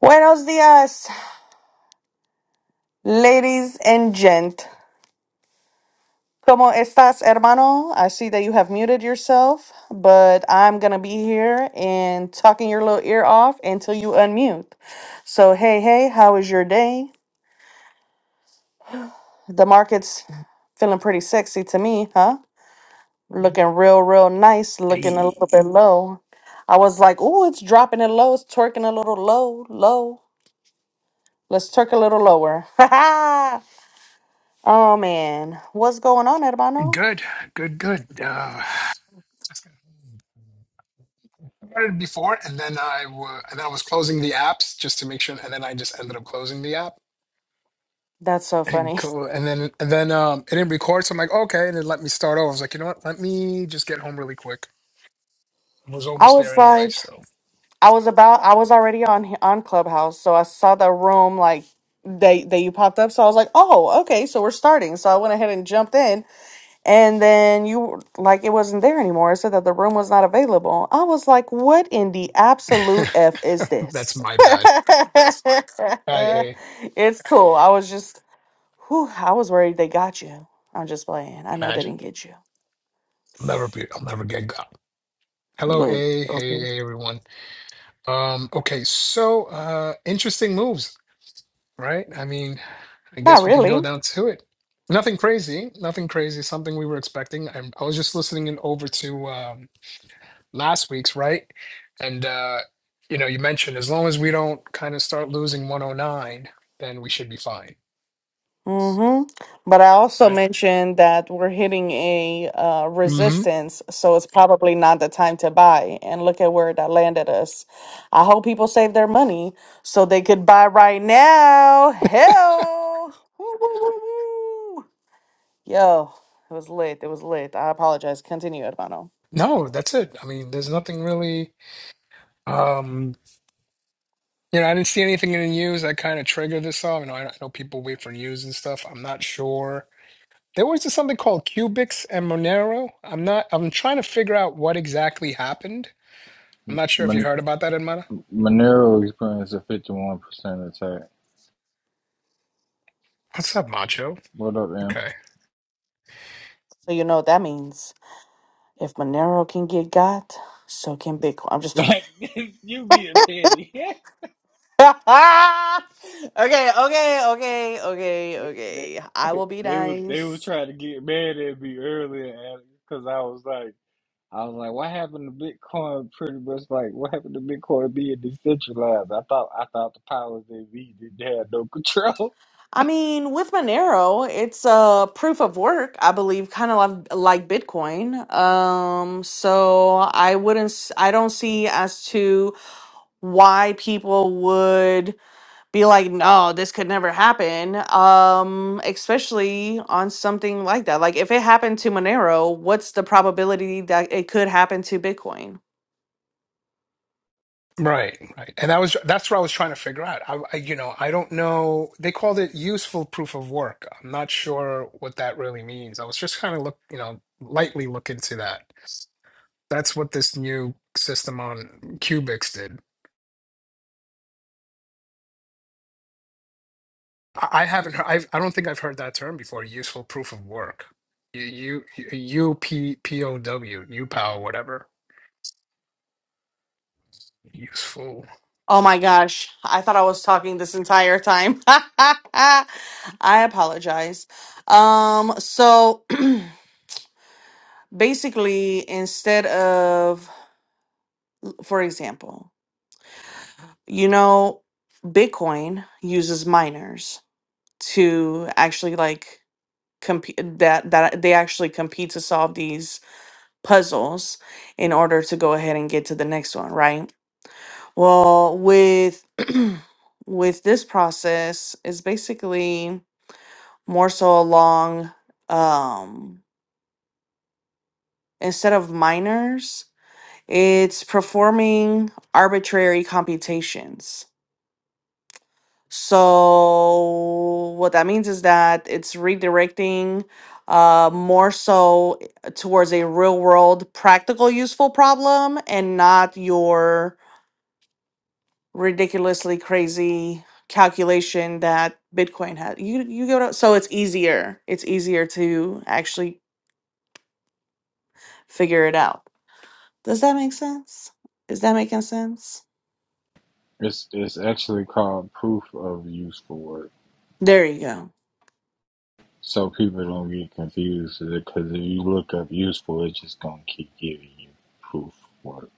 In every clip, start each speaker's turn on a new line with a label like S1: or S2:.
S1: Buenos días, ladies and gent. ¿Cómo estás, hermano? I see that you have muted yourself, but I'm going to be here and talking your little ear off until you unmute. So, hey, hey, how is your day? The market's feeling pretty sexy to me, huh? Looking real, real nice, looking a
S2: Hey,
S1: little bit low. I was like, ooh, it's dropping it low. It's twerking a little low, low. Let's twerk a little lower. oh, man. What's going on, hermano?
S2: good, good, good. Uh, just got started before, and then I wa and then I was closing the apps just to make sure, and then I just ended up closing the app.
S1: That's so
S2: And
S1: funny.
S2: cool, and then and then um, it didn't record, so I'm like, okay, and it let me start over. I was like, you know what? Let me just get home really quick. I was
S1: I
S2: almost there
S1: was
S2: anyway,
S1: like,
S2: so
S1: I was about, I was already on on Clubhouse, so I saw the room like that that you popped up. So I was like, oh, okay, so we're starting. So I went ahead and jumped in, and then you were- like it wasn't there anymore. It said that the room was not available. I was like, what in the absolute f is
S2: that's
S1: this?
S2: my bad. Hi, A.
S1: it's cool. I was just, whew, I was worried they got you. I'm just playing. I know they
S2: Imagine
S1: didn't get you.
S2: I'll never be. I'll never get got. Hello,
S1: Look,
S2: A. Hey,
S1: okay.
S2: hey, everyone. Um, okay, so uh, interesting moves. right? I mean, I
S1: Not
S2: guess we can
S1: really.
S2: go down to it. Nothing crazy, nothing crazy, something we were expecting. I, I was just listening in over to um, last week's, right? And, uh, you know, you mentioned as long as we don't kind of start losing 109, then we should be fine,
S1: Mm-hmm. But I also
S2: right?
S1: mentioned that we're hitting a uh,
S2: hmm
S1: resistance, so it's probably not the time to buy. And look at where that landed us. I hope people save their money so they could buy right now. Hell, Woo, woo, woo, woo. yo, it was lit. It was lit. I apologize. Continue, Urbano.
S2: No, that's it. I mean, there's nothing really, um, you know, I didn't see anything in the news that kind of triggered this off. You know, I, I know people wait for news and stuff. I'm not sure There was just something called Cubics and Monero. I'm not. I'm trying to figure out what exactly happened. I'm not sure if you
S3: Man-
S2: heard about that, Edmana.
S3: Monero experienced a 51% attack.
S2: What's up, Macho?
S3: What up, man?
S2: Okay.
S1: So you know what that means. If Monero can get got, so can Bitcoin. I'm just.
S3: Like you being petty.
S1: okay, okay, okay, okay,
S3: they, they,
S1: okay. I will be
S3: they was they was
S1: nice.
S3: trying to get mad at me earlier because I was like I was like, what happened to Bitcoin? Pretty much like what happened to Bitcoin being decentralized? I thought I thought the powers that be didn't have no control.
S1: I mean, with Monero, it's a uh, proof of work, I believe, kind of like, like Bitcoin. Um, so I wouldn't, s- I don't see as to why people would be like, no, this could never happen. Um, especially on something like that. Like, if it happened to Monero, what's the probability that it could happen to Bitcoin?
S2: Right, right. And that was that's what I was trying to figure out. I, I you know, I don't know. They called it useful proof of work. I'm not sure what that really means. I was just kind of look, you know, lightly look into that. That's what this new system on Cubics did. I I haven't. heard- I've, I don't think I've heard that term before. Useful proof of work. U U U P P O W U POW whatever. Useful.
S1: Oh my gosh, I thought I was talking this entire time. I apologize. Um, so basically, instead of, for example, you know, Bitcoin uses miners to actually like compete that that they actually compete to solve these puzzles in order to go ahead and get to the next one, right? Well, with with this process is basically more so along um instead of minors it's performing arbitrary computations so what that means is that it's redirecting uh more so eh, towards a real world practical useful problem and not your ridiculously crazy calculation that bitcoin has you you get what I- so it's easier it's easier to actually figure it out Does that make sense? Is that making sense?
S3: It's it's actually called proof of usefulness.
S1: There you go.
S3: So people don't get confused because if you look up useful, it's just gonna keep giving you proof work.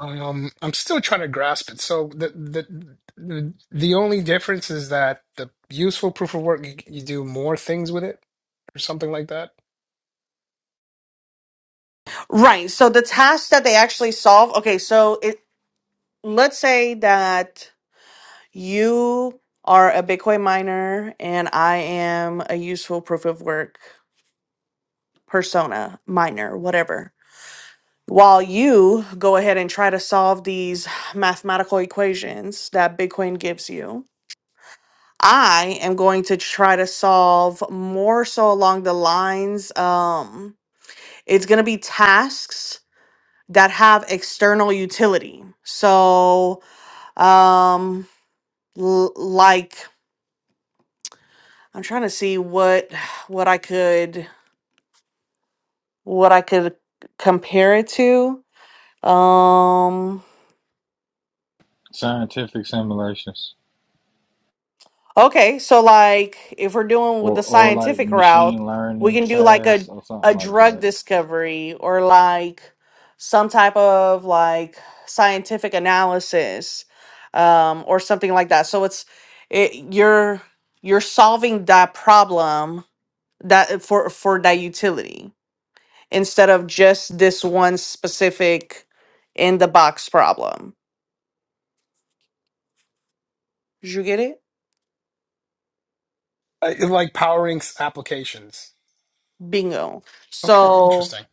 S2: Um, I'm still trying to grasp it. So the the the, the only difference is that the useful proof of work you, you do more things with it or something like that.
S1: Right. So the task that they actually solve. Okay. So it let's say that you are a Bitcoin miner and I am a useful proof of work persona miner, whatever. While you go ahead and try to solve these mathematical equations that Bitcoin gives you, I am going to try to solve more so along the lines. Um, It's going to be tasks that have external utility. So, um l- like I'm trying to see what what I could what I could compare it to. Um
S3: Scientific simulations
S1: Okay, so like if we're doing with the
S3: or or like
S1: scientific route,
S3: machine
S1: we
S3: learning
S1: can do like a
S3: tasks or something
S1: a
S3: like
S1: drug
S3: that.
S1: discovery or like some type of like scientific analysis um or something like that. So it's it you're you're solving that problem that for for that utility instead of just this one specific in the box problem. Did you get it?
S2: Uh, like Power Inc.'s applications.
S1: Bingo.
S2: Okay,
S1: So
S2: interesting.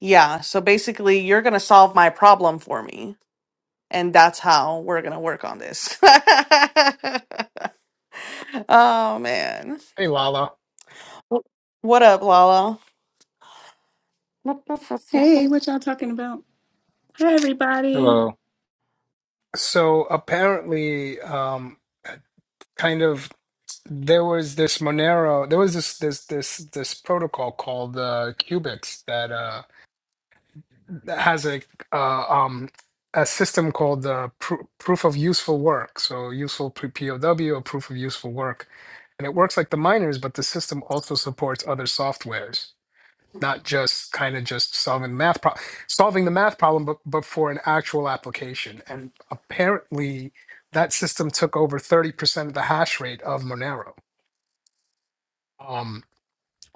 S1: Yeah, so basically, you're going to solve my problem for me. And that's how we're going to work on this. oh, man.
S2: Hey Lala.
S1: Wh- What up, Lala? Boop, boop.
S4: Hey, what y'all talking about? Hi, everybody.
S3: Hello.
S2: So apparently, um, kind of. there was this Monero, there was this this this this protocol called uh, Qubits that uh, that has a uh, um a system called uh, pr- proof of useful work. So useful pre- P- POW or proof of useful work, and it works like the miners, but the system also supports other softwares, not just kind of just solving math pro- solving the math problem, but but for an actual application. And apparently, that system took over thirty percent of the hash rate of Monero. Um,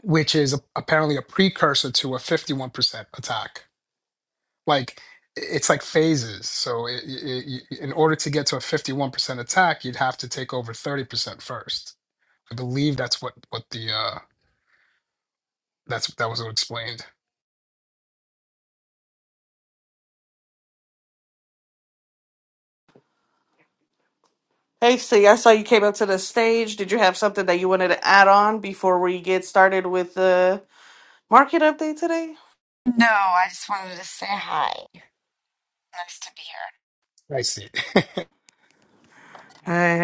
S2: which is apparently a precursor to a 51% attack. Like it's like phases. So i i i in order to get to a 51% attack, you'd have to take over 30% first. I believe that's what what the uh that's that was explained.
S1: Hey, see, I saw you came up to the stage. Did you have something that you wanted to add on before we get started with the market update today?
S5: No, I just wanted to say hi. Nice to be here.
S2: I see.
S1: Hey,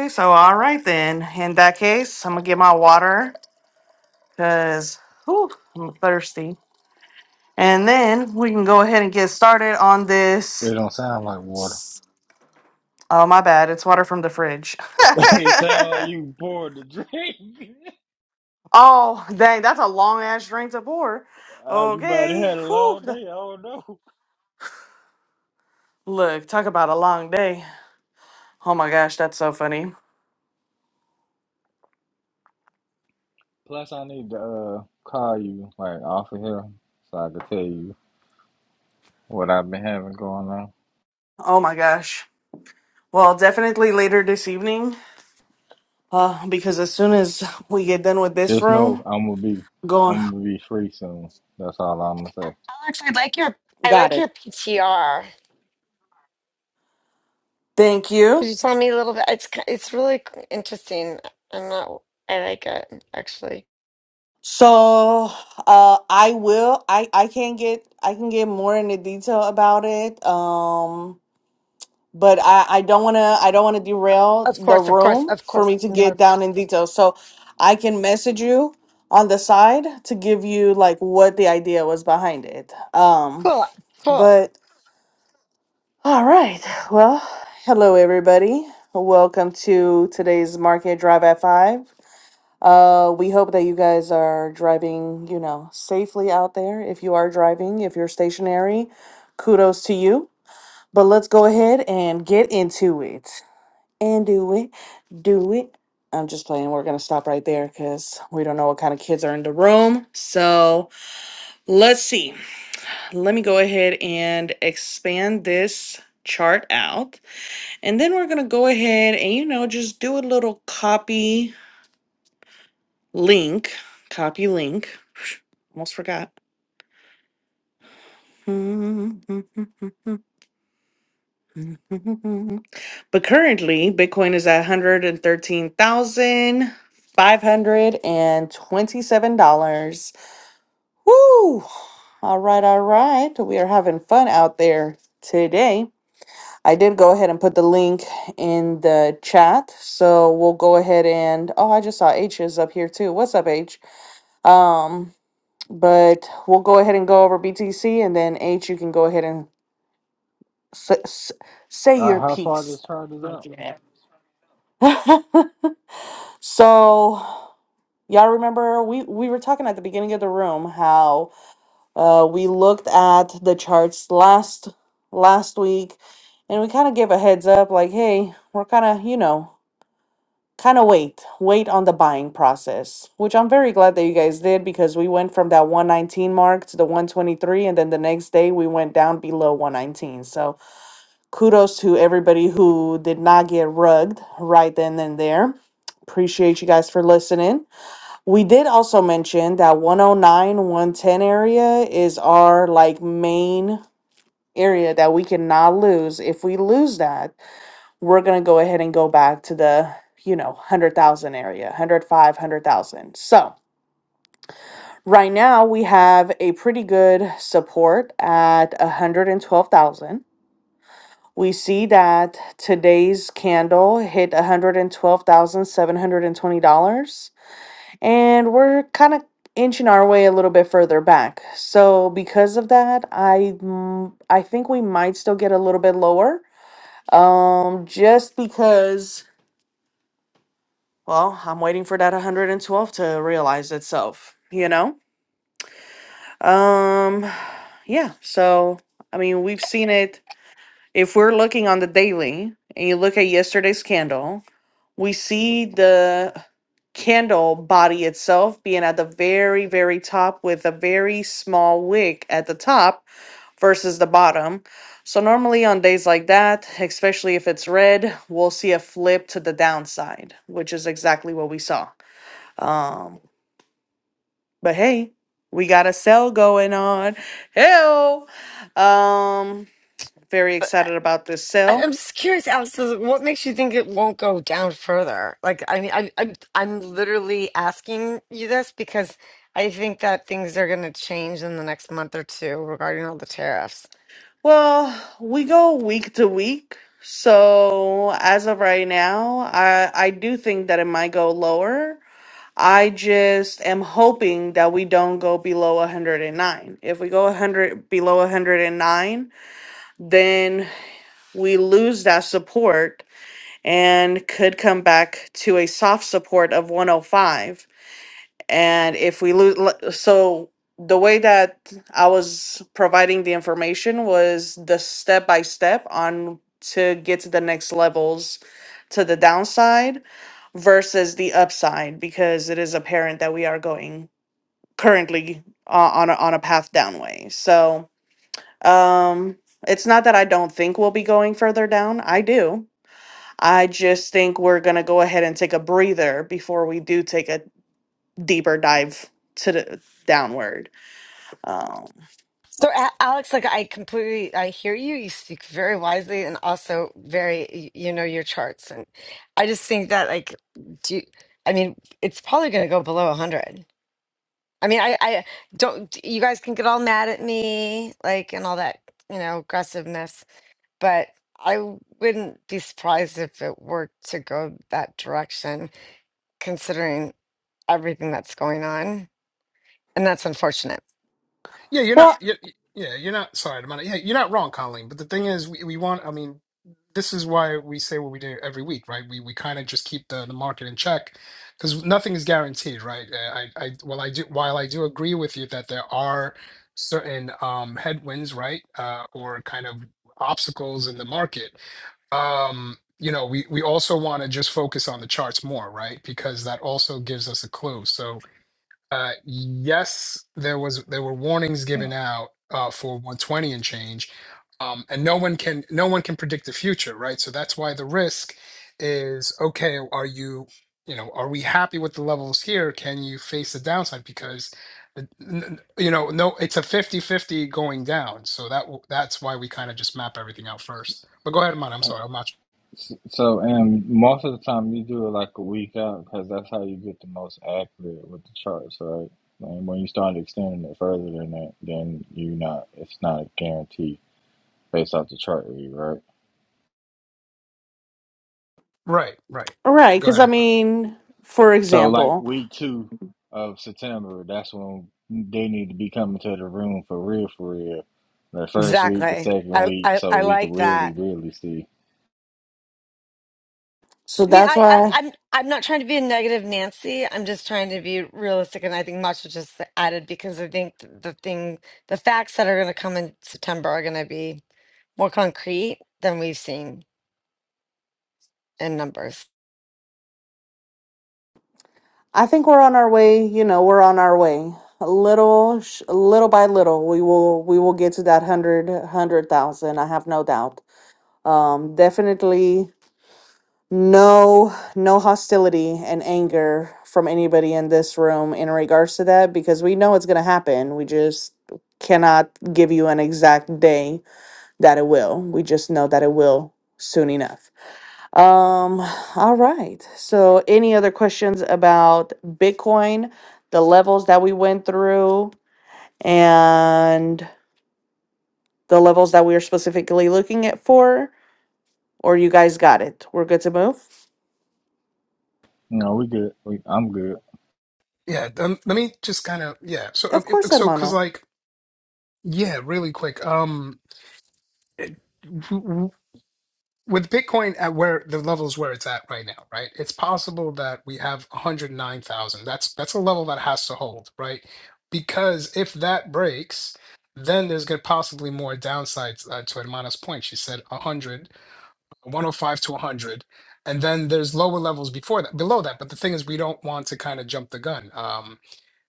S1: hey, so all right then. In that case, I'm going to get my water because I'm thirsty. And then we can go ahead and get started on
S3: It
S1: this.
S3: don't sound like water.
S1: Oh, my bad. It's water from the fridge.
S3: it sounds like you poured the drink.
S1: oh, dang. That's a long ass drink to pour.
S3: uh, you might have
S1: Okay.
S3: had a
S1: Whew.
S3: long day. I don't know.
S1: Look, talk about a long day. Oh my gosh, that's so funny.
S3: Plus, I need to uh, call you like off of here so I can tell you what I've been having going on.
S1: Oh my gosh. Well, definitely later this evening. Uh, because as soon as we get done with this
S3: Just know
S1: room,
S3: I'm gonna be
S1: going.
S3: I'm gonna be free soon. That's all I'm gonna say.
S5: Alex, I like your I
S1: Got
S5: like
S1: it.
S5: your PTR.
S1: Thank
S5: Could
S1: you.
S5: you tell me a little bit? It's ki- it's really c- interesting. I'm not. I like it actually.
S1: So, uh, I will. I I can get. I can get more into detail about it. Um, but I, I don't want to I don't want to derail
S5: Of
S1: the
S5: course, of course,
S1: room
S5: of
S1: for
S5: course.
S1: me to
S5: Not
S1: get
S5: a,
S1: down in detail. So I can message you on the side to give you like what the idea was behind it. Um,
S5: cool, cool.
S1: but all right, well, hello everybody. Welcome to today's market drive at five. Uh, we hope that you guys are driving, you know, safely out there. If you are driving, if you're stationary, kudos to you. But let's go ahead and get into it and do it, do it. I'm just playing. We're going to stop right there because we don't know what kind of kids are in the room. So let's see. Let me go ahead and expand this chart out. And then we're going to go ahead and, you know, just do a little copy link. Copy link. Almost forgot. But currently, Bitcoin is at $113,527. Woo! All right, all right. We are having fun out there today. I did go ahead and put the link in the chat. So we'll go ahead and oh, I just saw H is up here too. What's up, H? Um, but we'll go ahead and go over BTC and then H, you can go ahead and s- s- say
S3: Uh,
S1: your
S3: how far
S1: piece.
S3: this chart is
S1: Thank
S3: out?
S1: So, y'all remember we we were talking at the beginning of the room how uh we looked at the charts last last week and we kind of gave a heads up like, hey, we're kind of, you know, kind of wait, wait on the buying process, which I'm very glad that you guys did because we went from that 119 mark to the 123 and then the next day we went down below 119. So, kudos to everybody who did not get rugged right then and there. Appreciate you guys for listening. We did also mention that 109, 110 area is our like main area that we cannot lose. If we lose that, we're going to go ahead and go back to the, you know, 100,000 area, 105, 100,000. So, right now we have a pretty good support at 112,000. We see that today's candle hit $112,720. and we're kind of inching our way a little bit further back. So because of that, I mm, I think we might still get a little bit lower. Um just because well, I'm waiting for that 112 to realize itself, you know? Um yeah, so I mean, we've seen it if we're looking on the daily and you look at yesterday's candle, we see the candle body itself being at the very very top with a very small wick at the top versus the bottom so normally on days like that especially if it's red we'll see a flip to the downside which is exactly what we saw um but hey we got a sale going on hell um very
S5: But
S1: excited about this sale
S5: I, I'm just curious, Alex. is What makes you think it won't go down further? Like, I mean, I, I'm I'm literally asking you this because I think that things are going to change in the next month or two regarding all the tariffs.
S1: Well, we go week to week. So as of right now, I I do think that it might go lower. I just am hoping that we don't go below 109. If we go 100 below 109, then we lose that support and could come back to a soft support of 105. And if we lose, so the way that I was providing the information was the step by step on to get to the next levels to the downside versus the upside because it is apparent that we are going currently uh, on a, on a path down way. So, um it's not that I don't think we'll be going further down. I do. I just think we're going to go ahead and take a breather before we do take a deeper dive to the downward. Um,
S5: So, A- Alex, like I completely, I hear you. You speak very wisely and also very, y- you know, your charts. And I just think that, like, do you, I mean, it's probably going to go below 100. I mean, I, I don't, you guys can get all mad at me, like, and all that, you know, aggressiveness, but I wouldn't be surprised if it were to go that direction, considering everything that's going on and that's unfortunate.
S2: Yeah, you're not.
S1: Well,
S2: you yeah, you're not. Sorry, I'm not, yeah, you're not wrong, Colleen. But the thing is, we, we want. I mean, this is why we say what we do every week, right? We we kind of just keep the, the market in check because nothing is guaranteed, right? Uh, I I well, I do. While I do agree with you that there are certain um, headwinds, right, uh, or kind of obstacles in the market. Um, you know, we we also want to just focus on the charts more, right? Because that also gives us a clue. So uh, yes, there was there were warnings given
S3: Huh.
S2: out uh, for 120 and change, um, and no one can no one can predict the future, right? So that's why the risk is okay. Are you you know are we happy with the levels here? Can you face the downside because the- n- n- you know no it's a fifty fifty going down. So that w- that's why we kind of just map everything out first. But go ahead, Amon. I'm sorry, I'm not
S3: So, and most of the time you do it like a week out because that's how you get the most accurate with the charts, right? And when you start extending it further than that, then you not it's not a guarantee based off the chart read, right?
S2: right, right.
S1: right,
S2: Go
S1: because
S2: ahead,
S1: I
S2: Amon.
S1: mean, for
S3: So like
S1: example,
S3: week two of September, that's when they need to be coming to the room for real, for real. The first week, the
S5: Exactly.
S3: second
S5: I,
S3: week,
S5: I
S3: so
S5: I
S3: we can
S5: like
S3: really,
S5: that.
S3: really see.
S1: so
S5: I mean,
S1: that's
S5: I, I
S1: why
S5: I'm I'm not trying to be a negative Nancy. I'm just trying to be realistic, and I think much was just added because I think th- the thing, the facts that are going to come in September are going to be more concrete than we've seen in numbers.
S1: I think we're on our way. You know, we're on our way. A little, sh- little by little, we will we will get to that hundred hundred thousand. I have no doubt. Um, definitely no no hostility and anger from anybody in this room in regards to that because we know it's gonna happen. We just cannot give you an exact day that it will. We just know that it will soon enough. Um, all right. So, any other questions about Bitcoin, the levels that we went through, and the levels that we are specifically looking at for? Or you guys got it? We're good to move?
S3: No, we good. We, I'm good.
S2: Yeah, um, let me just kind of yeah. So uh,
S1: Of course,
S2: it- so because
S1: hermano.
S2: like Yeah, really quick. Um, w- w- with Bitcoin at where the levels where it's at right now, right? It's possible that we have 109,000. That's that's a level that has to hold, right? Because if that breaks, then there's going to possibly more downsides uh, to Hermana's point. She said 100, 105 to 100, and then there's lower levels before that, below that. But the thing is, we don't want to kind of jump the gun. Um,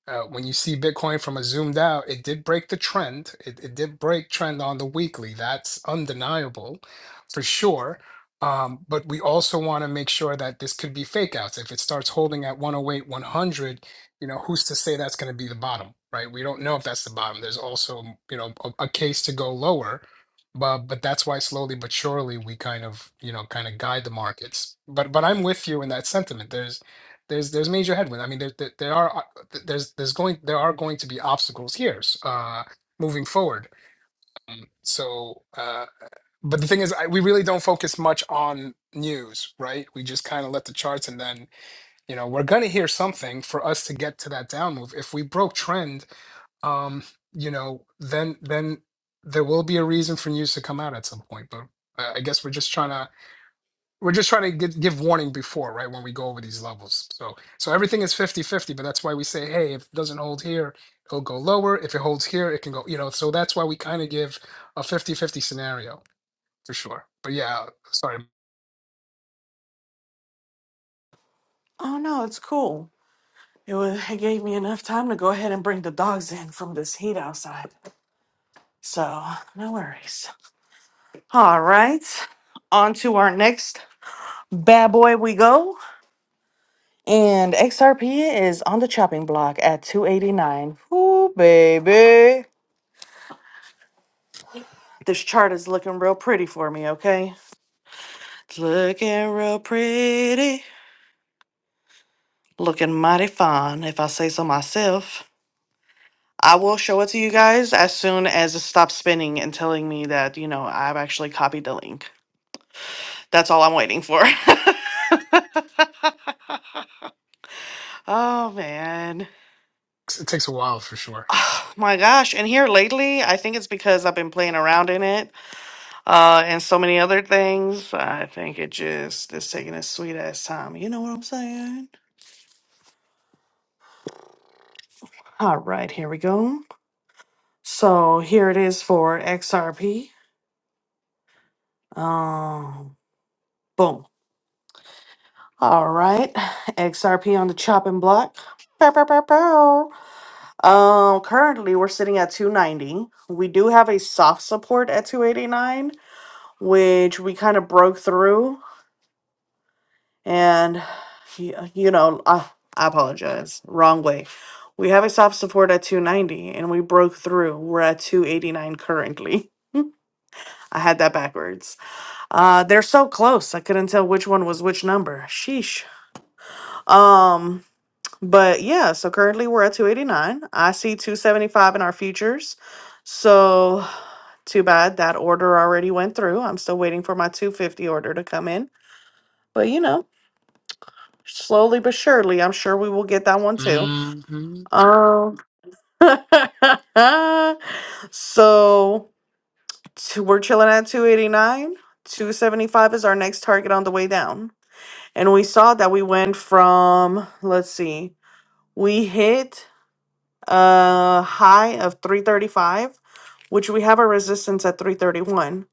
S2: Uh, when you see Bitcoin from a zoomed out, it did break the trend. It, it did break trend on the weekly. That's undeniable for sure. Um, but we also want to make sure that this could be fake outs. If it starts holding at 108, 100, you know, who's to say that's going to be the bottom, right? We don't know if that's the bottom. There's also, you know, a, a case to go lower. But but that's why slowly but surely we kind of, you know, kind of guide the markets. But but I'm with you in that sentiment. There's there's there's major headwind. I mean, there there, there are th- there's there's going there are going to be obstacles here s- uh moving forward so uh but the thing is I, we really don't focus much on news right we just kind of let the charts and then you know we're going to hear something for us to get to that down move if we broke trend um you know then then there will be a reason for news to come out at some point but i I guess we're just trying to we're just trying to get, give warning before right when we go over these levels so so everything is fifty-fifty, but that's why we say hey if it doesn't hold here it'll go lower if it holds here it can go you know so that's why we kind of give a fifty-fifty scenario for sure but yeah sorry
S1: Oh no, it's cool. It, was, it gave me enough time to go ahead and bring the dogs in from this heat outside. So, no worries. All right, on to our next bad boy we go. And XRP is on the chopping block at 289. Ooh, baby. This chart is looking real pretty for me, okay? It's looking real pretty. Looking mighty fine, if I say so myself. I will show it to you guys as soon as it stops spinning and telling me that, you know, I've actually copied the link. That's all I'm waiting for. oh, man.
S2: it takes a while for sure
S1: Oh, my gosh. And here lately, I think it's because I've been playing around in it uh, and so many other things. I think it just is taking its sweet ass time. You know what I'm saying? All right, here we go. So here it is for XRP. Um, boom. All right, XRP on the chopping block. Bow, bow, bow, bow. Um, currently we're sitting at 290. We do have a soft support at 289, which we kind of broke through. And, y- you know, I, I apologize. Wrong way. We have a soft support at 290 and we broke through. We're at 289 currently. I had that backwards. Uh they're so close. I couldn't tell which one was which number. Sheesh. Um but yeah, so currently we're at 289. I see 275 in our futures. So too bad that order already went through. I'm still waiting for my 250 order to come in. But you know, slowly but surely, I'm sure we will get that one too.
S2: hmm
S1: Um, so two, we're chilling at 289. 275 is our next target on the way down. And we saw that we went from, let's see, we hit a high of 335, which we have a resistance at 331.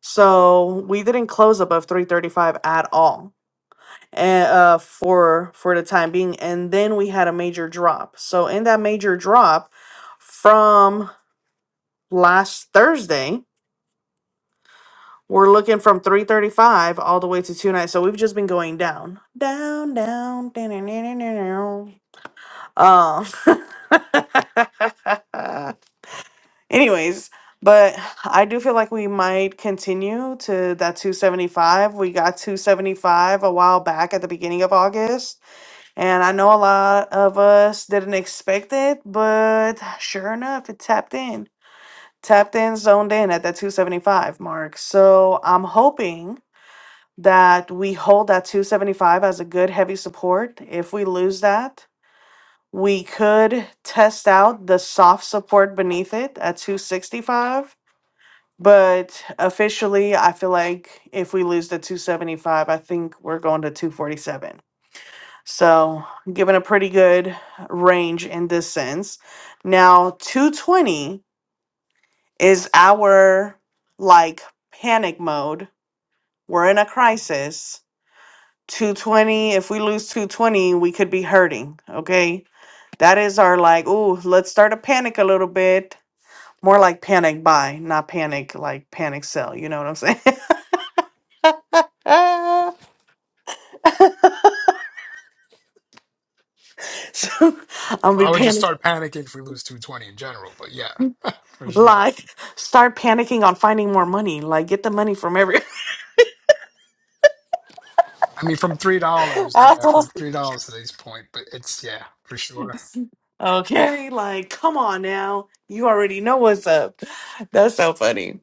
S1: So we didn't close above 335 at all. And uh for for the time being and then we had a major drop. So in that major drop from last Thursday. We're looking from 335 all the way to two nights. So we've just been going down. Down, down, down, down, down, down. Uh, anyways, but I do feel like we might continue to that 275. We got 275 a while back at the beginning of August. And I know a lot of us didn't expect it, but sure enough, it tapped in. tapped in, zoned in at that 275 mark. So I'm hoping that we hold that 275 as a good heavy support. If we lose that, we could test out the soft support beneath it at 265. But officially, I feel like if we lose the 275, I think we're going to 247. So, given a pretty good range in this sense. Now, 220 is our like panic mode. We're in a crisis. 220, if we lose 220, we could be hurting. Okay. That is our like, ooh, let's start a panic a little bit. More like panic buy, not panic like panic sell. You know what I'm saying? Ah, so I'll be
S2: i would just
S1: panic
S2: start panicking if we lose 220 in general but yeah for sure
S1: like start panicking on finding more money. Like get the money from every
S2: i mean from three dollars
S1: Ah,
S2: yeah from three dollars to this point but it's yeah for sure
S1: Okay, like come on now. You already know what's up. That's so funny.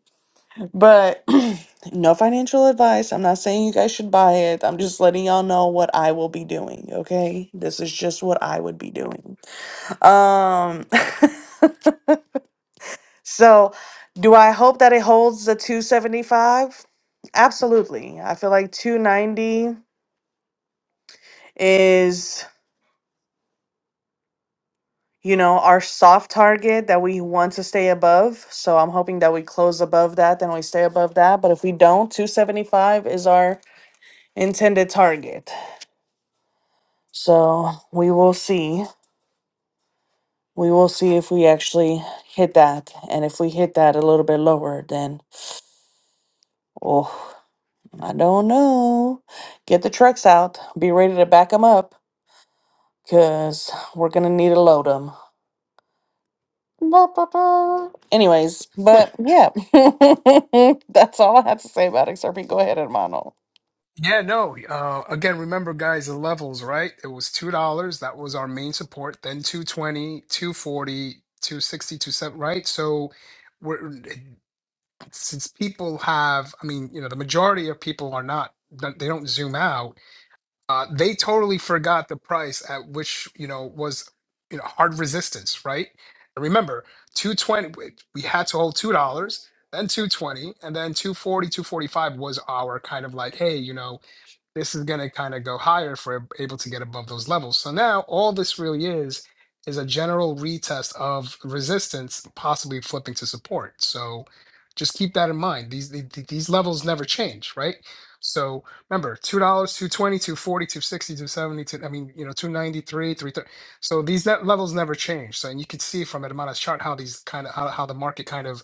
S1: But no financial advice. I'm not saying you guys should buy it. I'm just letting y'all know what I will be doing, okay? This is just what I would be doing. Um so do I hope that it holds the 275? Absolutely. I feel like 290 is you know our soft target that we want to stay above. So I'm hoping that we close above that, then we stay above that. But if we don't, 275 is our intended target. So we will see. We will see if we actually hit that. And if we hit that a little bit lower, then, oh, I don't know. Get the trucks out. Be ready to back them up because we're going to need to load them. Anyways, but yeah, that's all I have to say about XRP. Go ahead, hermano.
S2: Yeah, no. Uh, again, remember, guys, the levels, right? It was two dollars. That was our main support. Then two twenty, two forty, 240, right? So, we're since people have, I mean, you know, the majority of people are not, no, they don't zoom out. Uh, they totally forgot the price at which you know was, you know, hard resistance, right? And remember, 220. We we had to hold two dollars. Then 220 and then two forty, two forty-five was our kind of like, hey, you know, this is going to kind of go higher if we're able to get above those levels. So now all this really is is a general retest of resistance, possibly flipping to support. So just keep that in mind. These the- the- these levels never change, right? So remember, two dollars, two twenty, two forty, two sixty, two seventy, two. I mean, you know, two ninety three, three thirty. So these net levels never change. So and you can see from it, amount of chart how these kind of how, how the market kind of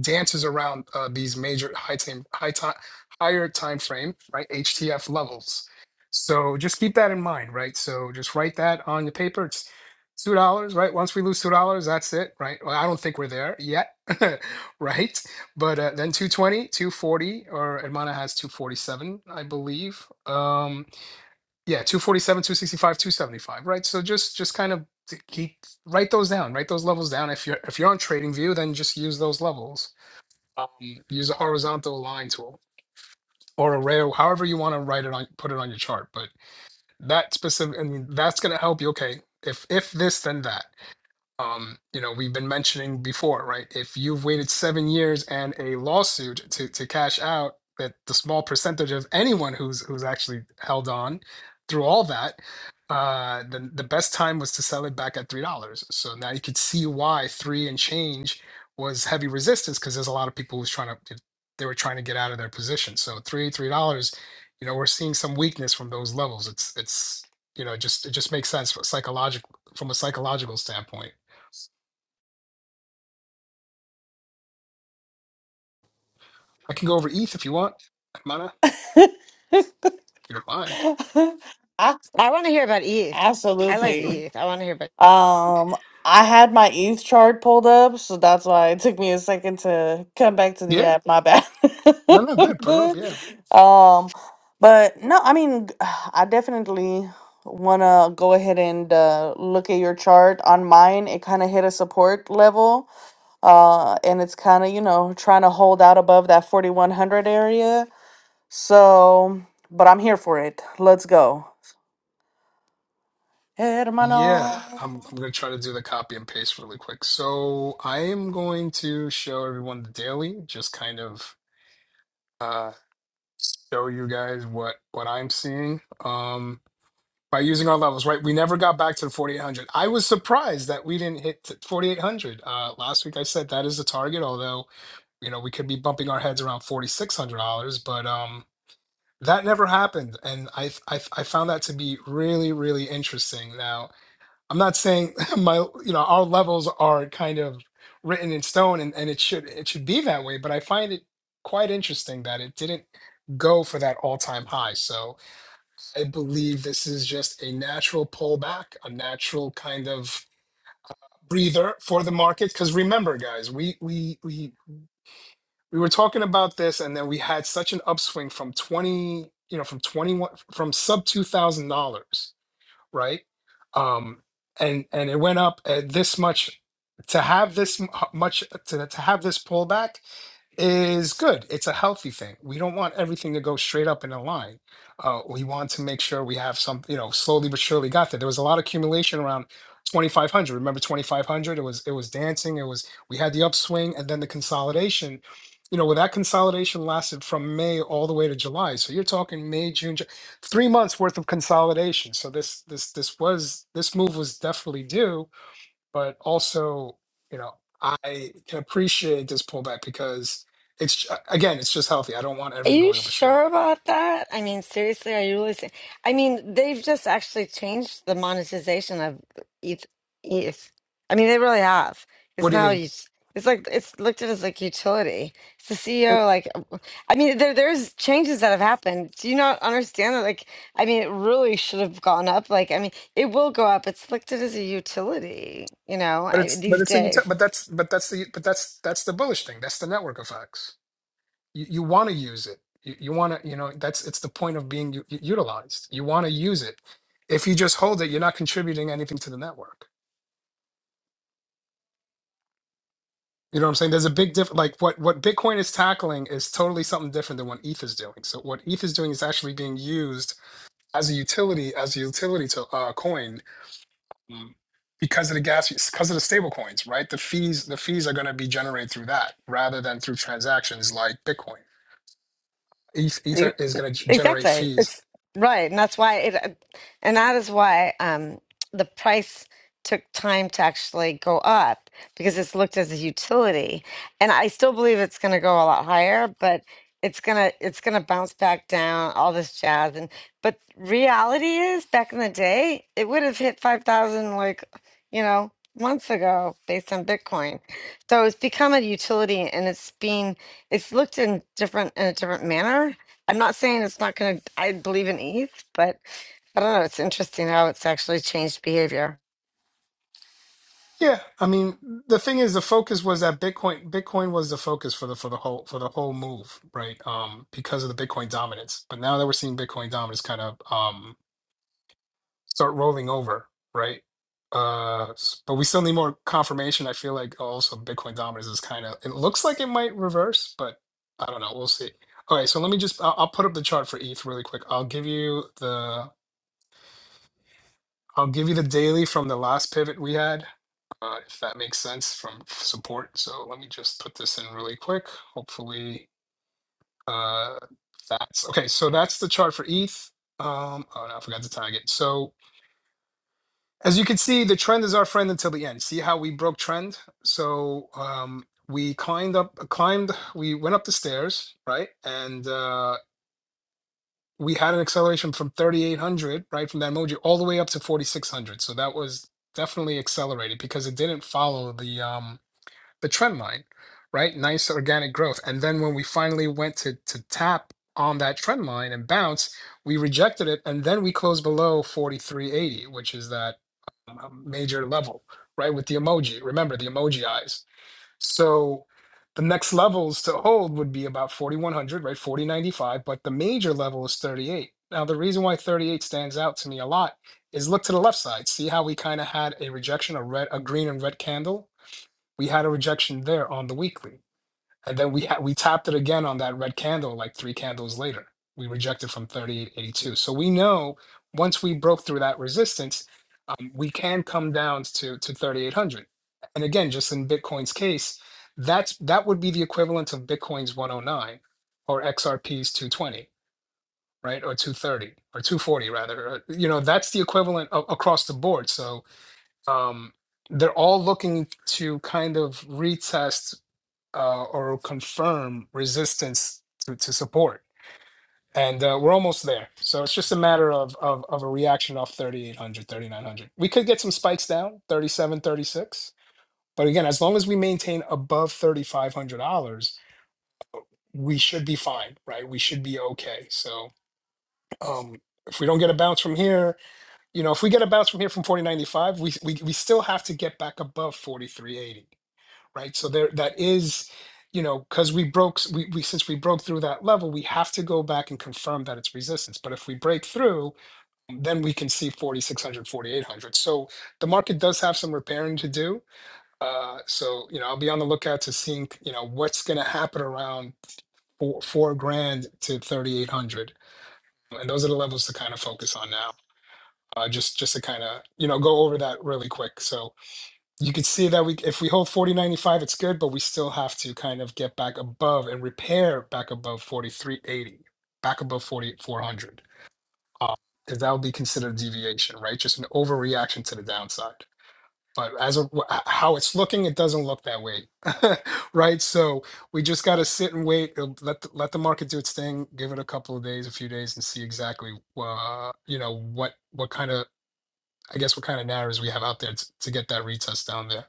S2: dances around uh, these major high time, high time, higher time frame, right? HTF levels. So just keep that in mind, right? So just write that on your paper. It's two dollars, right? Once we lose two dollars, that's it, right? Well, I don't think we're there yet, right? But uh, then two twenty, two forty, or Edmana has 247, I believe. Um, yeah, 247, 265, 275, right? So just just kind of to keep write those down, write those levels down. If you're if you're on Trading View, then just use those levels um, use a horizontal line tool or a rail, however you want to write it on, put it on your chart. But that specific, I mean, that's going to help you. Okay, if if this, then that um, you know, we've been mentioning before, right? If you've waited seven years and a lawsuit to to cash out, that the small percentage of anyone who's who's actually held on through all that, uh, the the best time was to sell it back at three dollars. So now you could see why three and change was heavy resistance because there's a lot of people who's trying to they were trying to get out of their position. So three three dollars, you know, we're seeing some weakness from those levels. It's it's you know, it just it just makes sense psychological from a psychological standpoint I can go over ETH if you want. Mana, if you don't mind.
S1: Ah,
S5: I want to hear about ETH. I like
S1: Absolutely.
S5: ETH. I want to hear about.
S1: Um, I had my ETH chart pulled up, so that's why it took me a second to come back to the
S2: Yeah.
S1: app. My bad.
S2: No, no, good. Put it up. Yeah.
S1: um, but no, I mean, I definitely want to go ahead and uh, look at your chart. On mine, it kind of hit a support level, uh, and it's kind of, you know, trying to hold out above that 4100 area. So, but I'm here for it. Let's go.
S2: Yeah.
S1: Hermano.
S2: I'm, I'm going to try to do the copy and paste really quick. So I am going to show everyone the daily, just kind of uh, show you guys what, what I'm seeing um, by using our levels, right? We never got back to the 4,800. I was surprised that we didn't hit t- 4,800. Uh, last week I said that is the target, although, you know, we could be bumping our heads around $4,600, but. um That never happened, and I, I I found that to be really really interesting. Now I'm not saying my you know our levels are kind of written in stone, and, and it should it should be that way. But I find it quite interesting that it didn't go for that all time high. So I believe this is just a natural pullback, a natural kind of breather for the market. Because remember, guys, we we we we were talking about this and then we had such an upswing from 20 you know from 21 from sub $2000 right um and and it went up at this much to have this m- h- much to, to have this pullback is good. It's a healthy thing. We don't want everything to go straight up in a line. Uh, we want to make sure we have some, you know, slowly but surely got there. There was a lot of accumulation around 2500. Remember 2500? It was it was dancing. It was we had the upswing and then the consolidation. You know, where that consolidation lasted from May all the way to July. So you're talking May, June, Ju- three months worth of consolidation. So this this this was this move was definitely due but also you know i can appreciate this pullback because it's again it's just healthy i don't want
S5: Are
S2: everything
S5: you
S2: going up a straight line
S5: sure about that? I mean, seriously, are you really? se- I mean, they've just actually changed the monetization of ETH. ETH. I mean, they really have.
S2: what
S5: It's
S2: do you
S5: now
S2: mean
S5: you. It's like it's looked at as like utility. It's the
S2: Wait,
S5: CEO. Like, I mean, there there's changes that have happened. Do you not understand that? Like, I mean, it really should have gone up. Like, I mean, it will go up. It's looked at as a utility. You know,
S2: but
S5: I,
S2: it's but
S5: these
S2: it's a util- but
S5: days.
S2: that's but that's the but that's that's the bullish thing that's the network effects you, you want to use it you, you want to you know that's it's the point of being u- u- utilized you want to use it if you just hold it you're not contributing anything to the network you know what i'm saying there's a big difference like what what bitcoin is tackling is totally something different than what eth is doing so what eth is doing is actually being used as a utility as a utility to uh, coin um, because of the gas fees, because of the stable coins right the fees the fees are going to be generated through that rather than through transactions like bitcoin ETH,
S5: E-
S2: ether is going to generate
S5: Exactly.
S2: fees
S5: It's right, and that's why it, and that is why um, the price took time to actually go up because it's looked as a utility, and I still believe it's going to go a lot higher, but it's gonna it's gonna bounce back down all this jazz and but reality is back in the day it would have hit 5000 like you know months ago based on bitcoin so it's become a utility and it's being it's looked in different in a different manner I'm not saying it's not going to, I believe in ETH, but I don't know. It's interesting how it's actually changed behavior.
S2: yeah i mean the thing is the focus was that bitcoin bitcoin was the focus for the for the whole for the whole move right um because of the bitcoin dominance but now that we're seeing bitcoin dominance kind of um start rolling over, right? Uh, s- but we still need more confirmation. I feel like also Bitcoin dominance is kind of, it looks like it might reverse, but I don't know. We'll see. All right, so let me just, I'll, I'll put up the chart for ETH really quick. I'll give you the, I'll give you the daily from the last pivot we had, uh, if that makes sense from support. So let me just put this in really quick. Hopefully, uh, that's okay. So that's the chart for ETH. Um, oh, no, I forgot to tag it. So As you can see, the trend is our friend until the end. See how we broke trend? So um, we climbed up, climbed, we went up the stairs, right? And uh, we had an acceleration from 3,800, right, from that emoji, all the way up to 4,600. So that was definitely accelerated because it didn't follow the um, the trend line, right? Nice organic growth. And then when we finally went to to tap on that trend line and bounce, we rejected it, and then we closed below 43.80, which is that um, major level, right? With the emoji, remember the emoji eyes. So the next levels to hold would be about 4100, right? 4095, but the major level is 38. Now the reason why 38 stands out to me a lot is look to the left side. See how we kind of had a rejection, a red, a green and red candle we had a rejection there on the weekly and then we ha- we tapped it again on that red candle like three candles later we rejected from 3882 so we know once we broke through that resistance um, we can come down to to 3800 and again just in bitcoin's case that's that would be the equivalent of bitcoin's 109 or xrp's 220 right or 230 or 240 rather or, you know that's the equivalent a- across the board so um, they're all looking to kind of retest uh, or confirm resistance to, to support. And uh, we're almost there. So it's just a matter of, of, of a reaction off thirty eight hundred, thirty nine hundred. We could get some spikes down, 37, 36. But again, as long as we maintain above $3,500, we should be fine, right? We should be okay. So um, if we don't get a bounce from here, you know, if we get a bounce from here from 4095, we, we, we still have to get back above 4380. right? So there that is, you know, because we broke s- we, we since we broke through that level, we have to go back and confirm that it's resistance. But if we break through, then we can see forty six hundred, forty eight hundred. So the market does have some repairing to do. Uh, so you know, I'll be on the lookout to seeing you know what's going to happen around four, four grand to 3800, and those are the levels to kind of focus on now. Uh, just just to kind of you know go over that really quick. So you could see that we if we hold 4095 it's good but we still have to kind of get back above and repair back above 4380 back above 4400 because that would be considered deviation right just an overreaction to the downside but as of wh- h- how it's looking it doesn't look that way right so we just got to sit and wait uh, let the, let the market do its thing give it a couple of days a few days and see exactly uh, you know what what kind of i guess what kind of narratives we have out there to, to get that retest down there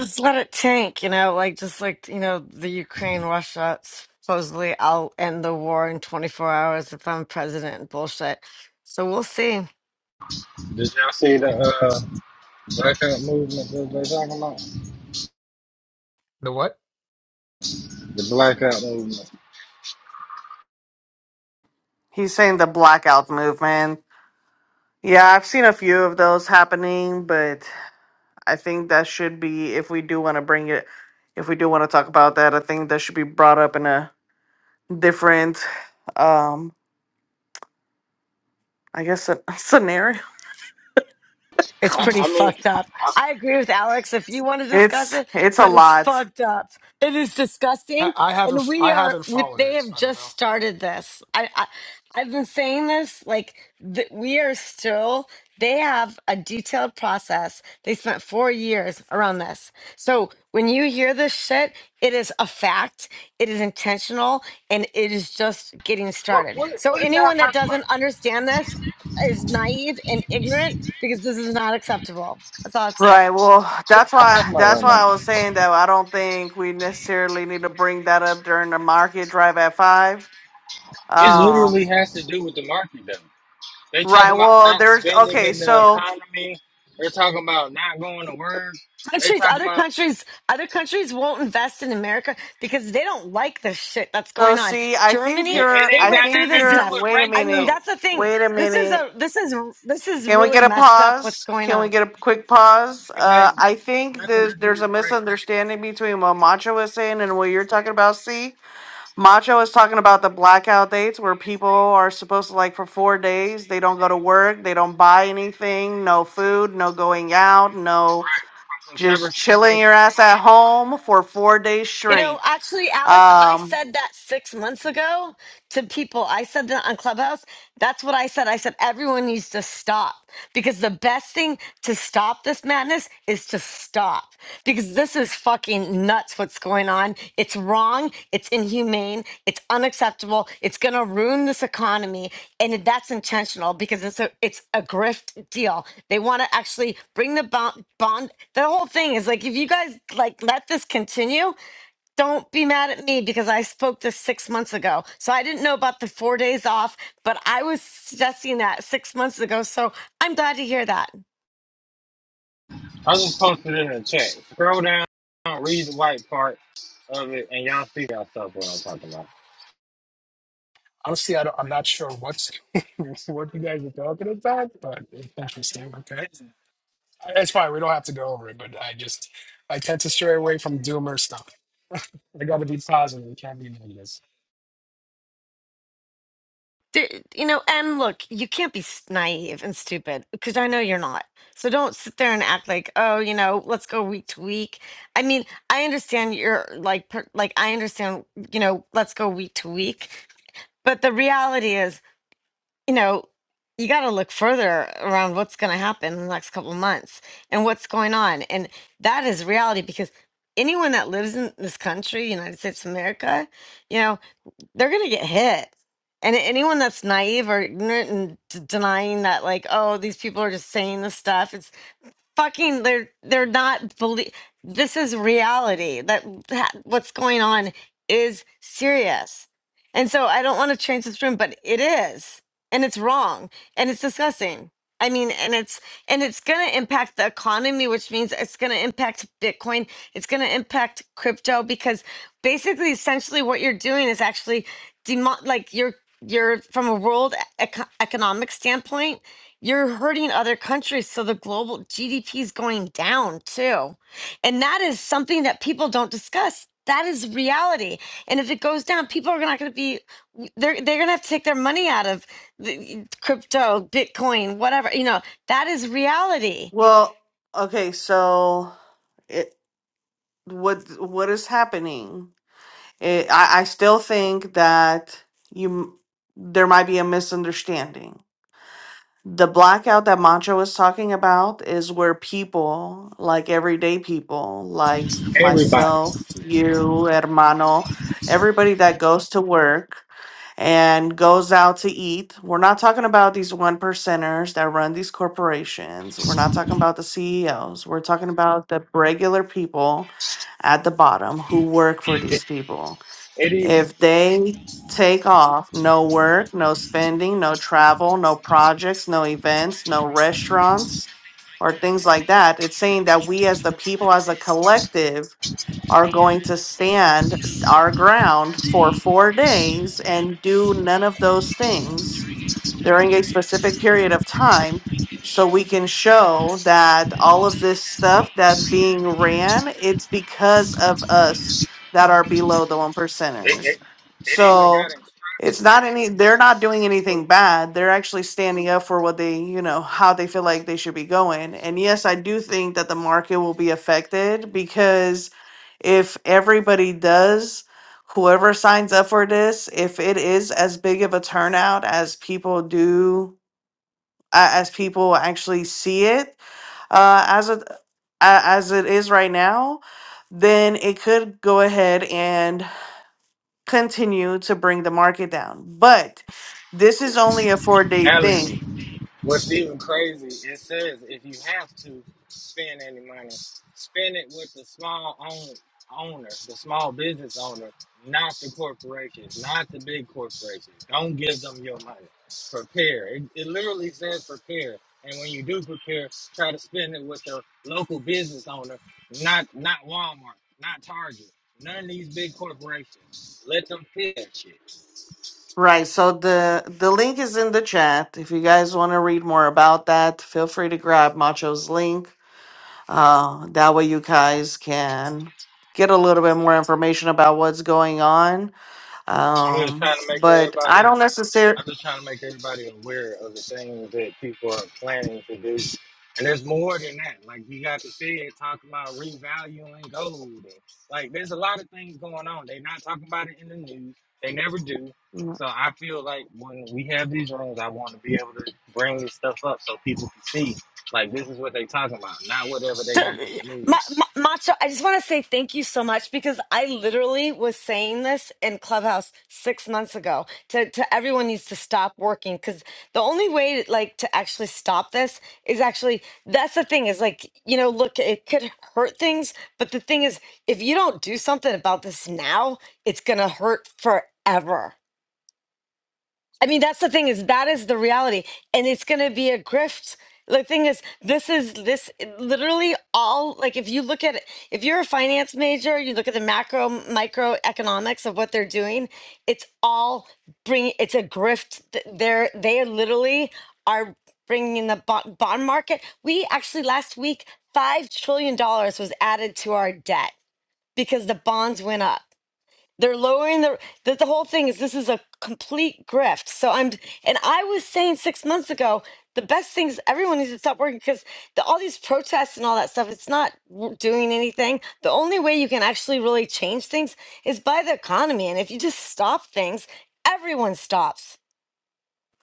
S5: Just let it tank, you know, like just like, you know, the Ukraine, Russia, supposedly I'll end the war in 24 hours if I'm president bullshit. So we'll see.
S3: Did y'all see the uh, blackout movement that they talking about?
S2: the what
S3: The blackout movement.
S1: He's saying the blackout movement. Yeah, I've seen a few of those happening, but I think that should be if we do want to bring it if we do want to talk about that, I think that should be brought up in a different um I guess a scenario.
S5: It's
S3: I,
S5: pretty
S3: I mean,
S5: fucked up. I agree with Alex if you want to discuss
S1: It's
S5: it,
S1: it's a
S5: but it's
S1: lot.
S5: fucked up. It is
S2: I
S5: disgusting.
S2: I
S5: And
S2: haven't
S5: we
S2: I
S5: are,
S2: haven't
S5: we,
S2: followed
S5: they
S2: it,
S5: have
S2: so I don't
S5: just
S2: know.
S5: started this. I, I, I've been saying this, like, th- we are still, they have a detailed process. They spent four years around this. So when you hear this shit, it is a fact, it is intentional, and it is just getting started.
S3: what
S5: So
S3: what are y'all
S5: anyone that doesn't understand this is naive and ignorant because this is not acceptable. That's all I have to say.
S1: Right. Well,
S3: what are
S1: that's
S3: y'all talking
S1: why
S3: about
S1: that's
S3: right
S1: why
S3: now?
S1: I was saying that I don't think we necessarily need to bring that up during the market drive at 5.
S3: Is
S1: Um
S3: it they
S1: right.
S3: talking about
S1: Well,
S3: not
S1: there's
S3: spending
S1: okay,
S3: in the
S1: so
S3: economy? They're talking about not. They talking
S5: Countries, other
S3: about,
S5: countries, other countries won't invest in America because they don't like the shit that's
S1: So
S5: going on.
S1: see, I think
S3: yeah,
S5: Germany,
S3: it
S1: you're
S5: they
S3: ain't
S1: I
S5: went
S3: got
S5: through
S1: think
S3: nothing to
S5: this
S3: do
S1: you're
S3: with
S5: stuff.
S1: wait a
S5: I
S3: race
S5: mean,
S1: minute.
S3: though.
S5: that's the thing.
S1: Wait a
S5: This is
S1: minute.
S5: a this is this is
S1: Can we get
S5: really
S1: a
S5: messed up. What's
S1: pause?
S5: going
S1: Can
S5: on?
S1: we get a quick pause?
S3: It
S1: Uh
S3: has.
S1: I think there's there's a misunderstanding between what Macho is saying and what you're talking about. See, Macho is talking about the blackout dates where people are supposed to like for four days, they don't go to work, they don't buy anything, no food, no going out, no just chilling your ass at home for four days
S5: You know,
S1: straight.
S5: actually, Alex, I
S1: Um.
S5: said that six months ago to people. I said that on Clubhouse. That's what I said. I said everyone needs to stop because the best thing to stop this madness is to stop because this is fucking nuts what's going on. It's wrong. It's inhumane. It's unacceptable. It's going to ruin this economy. And that's intentional because it's a, it's a grift deal. They want to actually bring the bond, bond. The whole thing is like, if you guys like let this continue, don't be mad at me because I spoke this six months ago. So I didn't know about the four days off, but I was suggesting that six months ago. So I'm glad to hear that.
S3: I just posted it in the chat. Scroll down, read the white part of it, and y'all see y'all stuff what I'm talking about.
S2: Honestly, I don't, I'm not sure what's what you guys are talking about, but it's interesting. Okay, it's fine. We don't have to go over it, but I just I tend to stray away from doomer stuff. I got to be positive. It can't be negative.
S5: D- You know, and look, you can't be s- naive and stupid because I know you're not. So don't sit there and act like, oh, you know, let's go week to week. I mean, I understand you're like, per- like I understand, you know, let's go week to week. But the reality is, you know, you got to look further around what's going to happen in the next couple of months and what's going on. And that is reality because anyone that lives in this country, United States of America, you know, they're going to get hit. And anyone that's naive or ignorant and d- denying that, like, oh, these people are just saying this stuff, it's fucking they're they're not belie- this is reality that, that what's going on is serious and so i don't want to change this room but it is and it's wrong and it's disgusting i mean and it's and it's going to impact the economy which means it's going to impact bitcoin it's going to impact crypto because basically essentially what you're doing is actually demo- like you're you're from a world e-, eco- economic standpoint you're hurting other countries. So the global GDP is going down too. And that is something that people don't discuss. That is reality. And if it goes down, people are not going to be, they're, they're going to have to take their money out of the crypto, Bitcoin, whatever. You know, that is reality.
S1: Well, okay, so it what what is happening? It, I I still think that you there might be a misunderstanding the blackout that Mantra was talking about is where people, like everyday people, like
S3: Everybody.
S1: myself, you, hermano, everybody that goes to work and goes out to eat. We're not talking about these one percenters that run these corporations. We're not talking about the CEOs. We're talking about the regular people at the bottom who work for these people
S3: It is.
S1: if they take off, no work, no spending, no travel, no projects, no events, no restaurants, or things like that, it's saying that we as the people, as a collective, are going to stand our ground for four days and do none of those things during a specific period of time so we can show that all of this stuff that's being ran it's because of us that are below the one
S3: It,
S1: percenters
S3: it, it even
S1: so
S3: got
S1: it's not any they're not doing anything bad they're actually standing up for what they you know how they feel like they should be going and yes i do think that the market will be affected because if everybody does whoever signs up for this, if it is as big of a turnout as people do, uh, as people actually see it, uh, as it uh, as it is right now, then it could go ahead and continue to bring the market down. But this is only a four day
S3: instructions.
S1: thing,
S3: What's even crazy, it says if you have to spend any money, spend it with the small own, owner, the small business owner, not the corporations, not the big corporations. Don't give them your money. Prepare. It, it literally says prepare. And when you do prepare, try to spend it with the local business owner, not not Walmart, not Target, none of these big corporations. Let them pay that shit.
S1: right? So the the link is in the chat. If you guys want to read more about that, feel free to grab Macho's link Uh, that way, you guys can get a little bit more information about what's going on.
S3: I'm just
S1: Um,
S3: trying to make
S1: but I
S3: everybody
S1: don't necessarily.
S3: I'm just trying to make everybody aware of the things that people are planning to do. And there's more than that. Like you got to see, it talking about revaluing gold. And, like there's a lot of things going on. They're not talking about it in the news. They never do. So I feel like when we have these rooms, I want to be able to bring this stuff up so people can see. Like this is what they're talking about, not whatever they got
S5: Sir,
S3: on the
S5: Ma-
S3: news.
S5: Ma- Macho, I just want to say thank you so much because I literally was saying this in Clubhouse six months ago. To to everyone needs to stop working because the only way like to actually stop this is actually that's the thing is like you know look it could hurt things, but the thing is if you don't do something about this now, it's gonna hurt forever. I mean, that's the thing is that is the reality, and it's going to be a grift. The thing is, this is this literally all like if you look at it, if you're a finance major, you look at the macro micro economics of what they're doing. It's all bring. It's a grift. Th- They're they literally are bringing in the bo- bond market. We actually last week five trillion dollars was added to our debt because the bonds went up. They're lowering the that the whole thing is this is a complete grift. So I'm and I was saying six months ago the best things everyone needs to stop working because the, all these protests and all that stuff it's not w- doing anything. The only way you can actually really change things is by the economy and if you just stop things, everyone stops.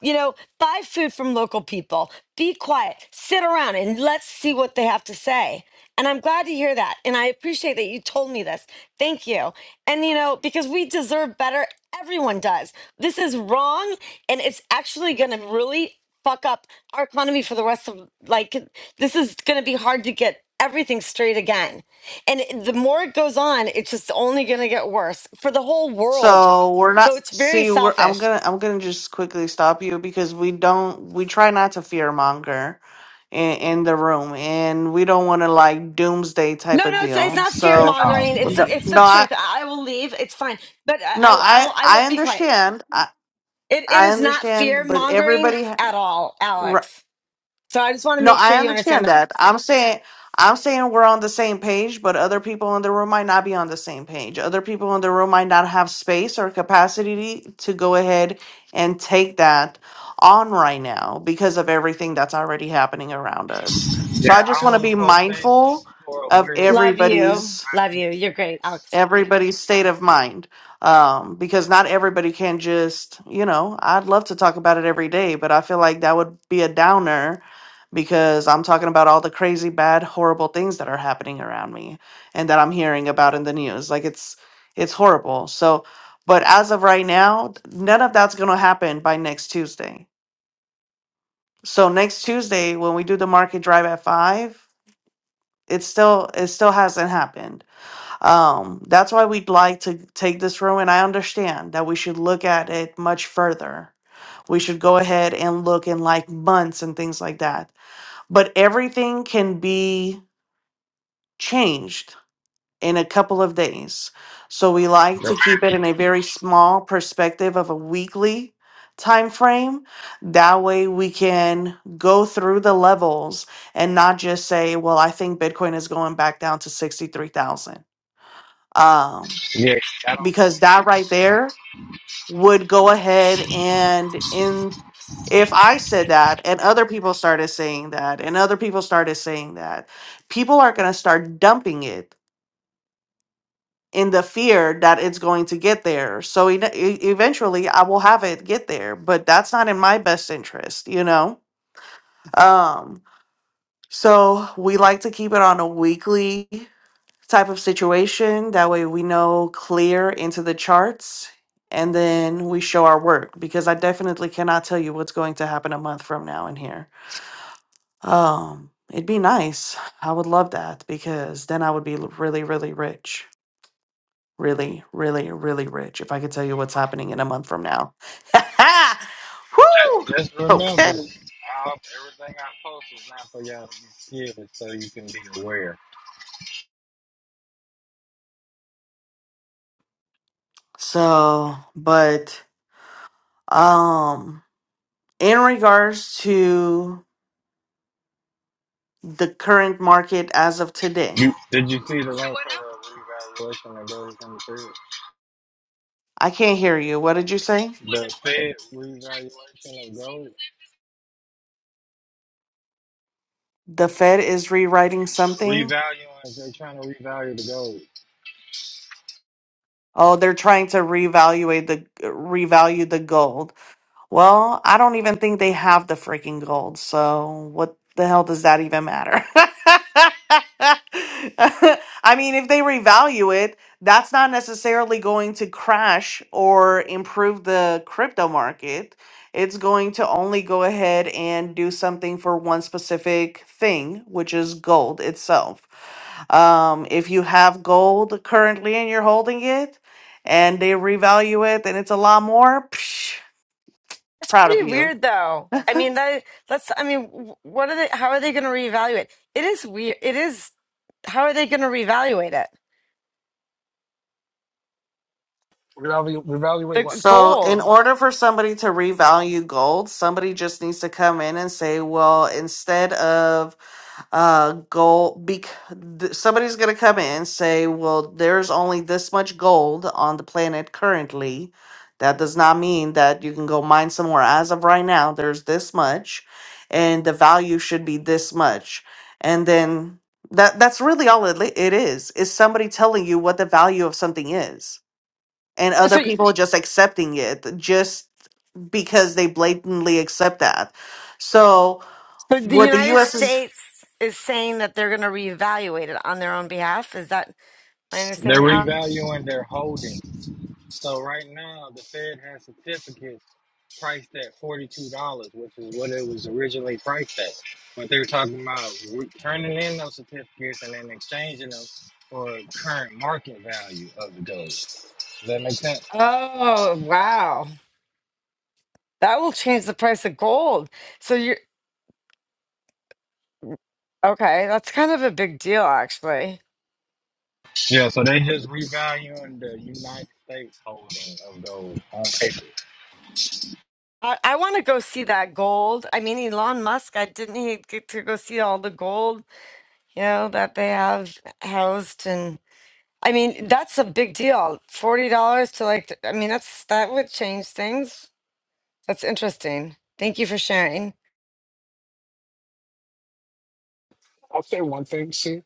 S5: You know, buy food from local people. Be quiet. Sit around and let's see what they have to say. And I'm glad to hear that. And I appreciate that you told me this. Thank you. And, you know, because we deserve better, everyone does. This is wrong. And it's actually going to really fuck up our economy for the rest of, like, this is going to be hard to get everything straight again. And the more it goes on, it's just only going to get worse for the whole world.
S1: So we're not.
S5: So it's very
S1: See, we're. I'm
S5: selfish.
S1: gonna. I'm gonna just quickly stop you because we don't. We try not to fear monger in, in the room, and we don't want to like doomsday type
S5: No,
S1: of
S5: no, it's, it's
S1: deal.
S5: not fear
S3: Yeah,
S1: So,
S5: mongering. It's the,
S1: no,
S5: it's the
S1: no, I,
S5: truth. I I will leave. It's fine. But
S1: no,
S5: I, I, I
S1: I,
S5: will I will
S1: I
S5: be quiet.
S1: understand. I,
S5: It, it
S1: I
S5: is not fear
S1: understand. But
S5: mongering
S1: everybody.
S5: at all,
S1: ha-
S5: Alex. So I just want to
S1: No,
S5: make sure
S1: I
S5: you understand
S1: understand
S5: that.
S1: that. I'm saying I'm saying we're on the same page, but other people in the room might not be on the same page. Other people in the room might not have space or capacity to go ahead and take that on right now because of everything that's already happening around us. So
S3: yeah.
S1: I just
S3: I
S1: want to
S3: only
S1: be
S3: post
S1: mindful
S3: things for
S1: of
S3: awareness.
S5: Love you.
S1: everybody's
S5: Love you. You're great, Alex.
S1: everybody's state of mind um because not everybody can just you know i'd love to talk about it every day but i feel like that would be a downer because i'm talking about all the crazy bad horrible things that are happening around me and that i'm hearing about in the news like it's it's horrible so but as of right now none of that's going to happen by next tuesday so next tuesday when we do the market drive at 5 it still it still hasn't happened um, that's why we'd like to take this room, and I understand that we should look at it much further. We should go ahead and look in like months and things like that. But everything can be changed in a couple of days. So we like to keep it in a very small perspective of a weekly time frame. That way we can go through the levels and not just say, well, I think Bitcoin is going back down to 63,000. Um,
S3: Yeah, I don't
S1: because that right there would go ahead and in if I said that and other people started saying that and other people started saying that, people are going to start dumping it in the fear that it's going to get there. So e- e- eventually I will have it get there, but that's not in my best interest, you know? Um so we like to keep it on a weekly type of situation. That way we know clear into the charts and then we show our work because I definitely cannot tell you what's going to happen a month from now in here. Um, it'd be nice. I would love that because then I would be l- really, really rich. Really, really, really rich if I could tell you what's happening in a month from now. Woo!
S3: Just remember,
S1: Okay.
S3: i everything I post is not for y'all to be scared, it's so you can be aware.
S1: So, but um in regards to the current market as of today,
S3: You, did you see the link for the revaluation of gold coming through?
S1: I can't hear you. What did you say?
S3: The Fed revaluation of gold?
S1: The Fed is rewriting something?
S3: Revaluing, they're trying to revalue the gold.
S1: Oh, they're trying to reevaluate the revalue the gold. Well, I don't even think they have the freaking gold, so what the hell does that even matter? I mean, if they revalue it, that's not necessarily going to crash or improve the crypto market. It's going to only go ahead and do something for one specific thing, which is gold itself. Um, if you have gold currently and you're holding it, and they revalue it and it's a lot more.
S5: That's
S1: proud of
S5: pretty
S1: you.
S5: weird, though. I mean, that, that's, I mean, wh- what are they, how are they going to reevaluate? It is weird. It is, how are they going to reevaluate it?
S2: Reevalu- Reevaluate
S5: The
S2: what?
S1: So, in
S5: gold.
S1: order for somebody to revalue gold, somebody just needs to come in and say, well, instead of uh gold bec- th- somebody's going to come in and say, well, there's only this much gold on the planet currently. That does not mean that you can go mine some more. as of right now. There's this much and the value should be this much. And then that that's really all it, li- it is. Is somebody telling you what the value of something is and
S5: So,
S1: other
S5: so,
S1: people just accepting it just because they blatantly accept that. So,
S5: so the
S1: what the
S5: United
S1: US is
S5: States is saying that they're going to reevaluate it on their own behalf. Is that, My
S3: They're
S5: understanding. Oh,
S3: revaluing their holdings. So right now, the Fed has certificates priced at forty-two dollars, which is what it was originally priced at. But they're talking about re- turning in those certificates and then exchanging them for current market value of the gold. Does that make sense?
S5: oh, wow. That will change the price of gold. So you're okay. That's kind of a big deal, actually.
S3: Yeah. So they just revaluing the United States holding of gold on paper.
S5: I, I want to go see that gold. I mean, Elon Musk, I didn't he get to go see all the gold, you know, that they have housed and I mean, that's a big deal. $40 to like, I mean, that's that would change things. That's interesting. Thank you for sharing.
S2: I'll say one thing. See,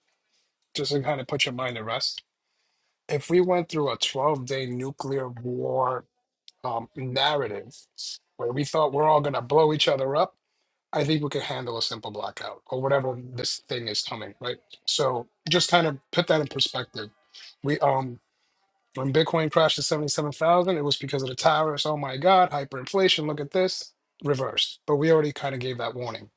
S2: just to kind of put your mind at rest. If we went through a 12 day nuclear war um, narrative where we thought we're all going to blow each other up I think we could handle a simple blackout or whatever this thing is coming, right? So just kind of put that in perspective. We um when Bitcoin crashed to seventy seven thousand, it was because of the towers. Oh my God, hyperinflation! Look at this reversed. But we already kind of gave that warning.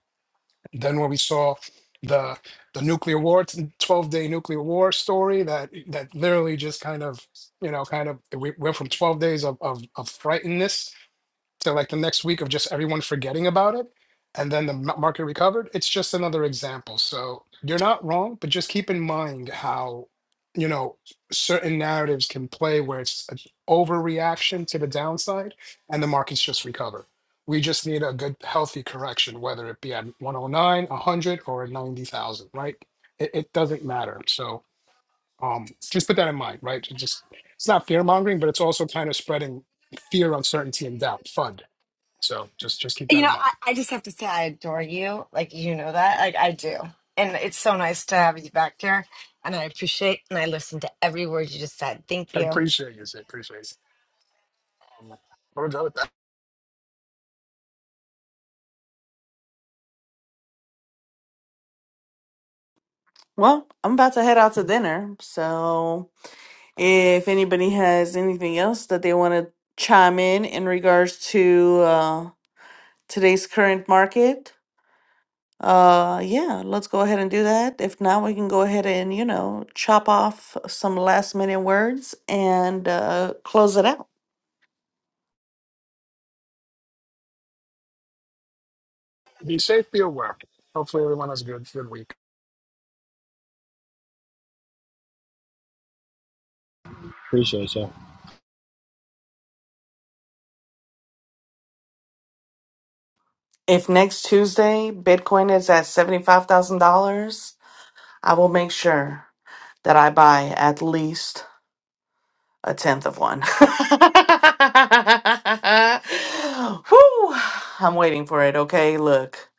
S2: Then when we saw the the nuclear war, twelve day nuclear war story that that literally just kind of you know kind of we went from twelve days of of, of frightenedness to like the next week of just everyone forgetting about it and then the ma- market recovered it's just another example so you're not wrong but just keep in mind how you know certain narratives can play where it's an overreaction to the downside and the markets just recover we just need a good healthy correction whether it be at 109 100 or at 90000 right it, it doesn't matter so um just put that in mind right It just it's not fear mongering but it's also kind of spreading fear uncertainty and doubt fund so just just keep
S5: You
S2: that
S5: know,
S2: in
S5: I,
S2: mind.
S5: I just have to say I adore you. Like you know that. Like I do. And it's so nice to have you back here. And I appreciate and I listened to every word you just said. Thank
S2: I
S5: you.
S2: appreciate you. I appreciate it. Um, I'm gonna go with that.
S1: well, I'm about to head out to dinner. So, if anybody has anything else that they want to chime in in regards to uh, today's current market, uh, yeah, let's go ahead and do that. If not, we can go ahead and you know chop off some last minute words and uh, close it out.
S2: Be safe. Be aware. Hopefully, everyone has a good good week.
S3: Appreciate you. all
S1: If next Tuesday Bitcoin is at $75,000, I will make sure that I buy at least a tenth of one. Whew. I'm waiting for it, okay? Look,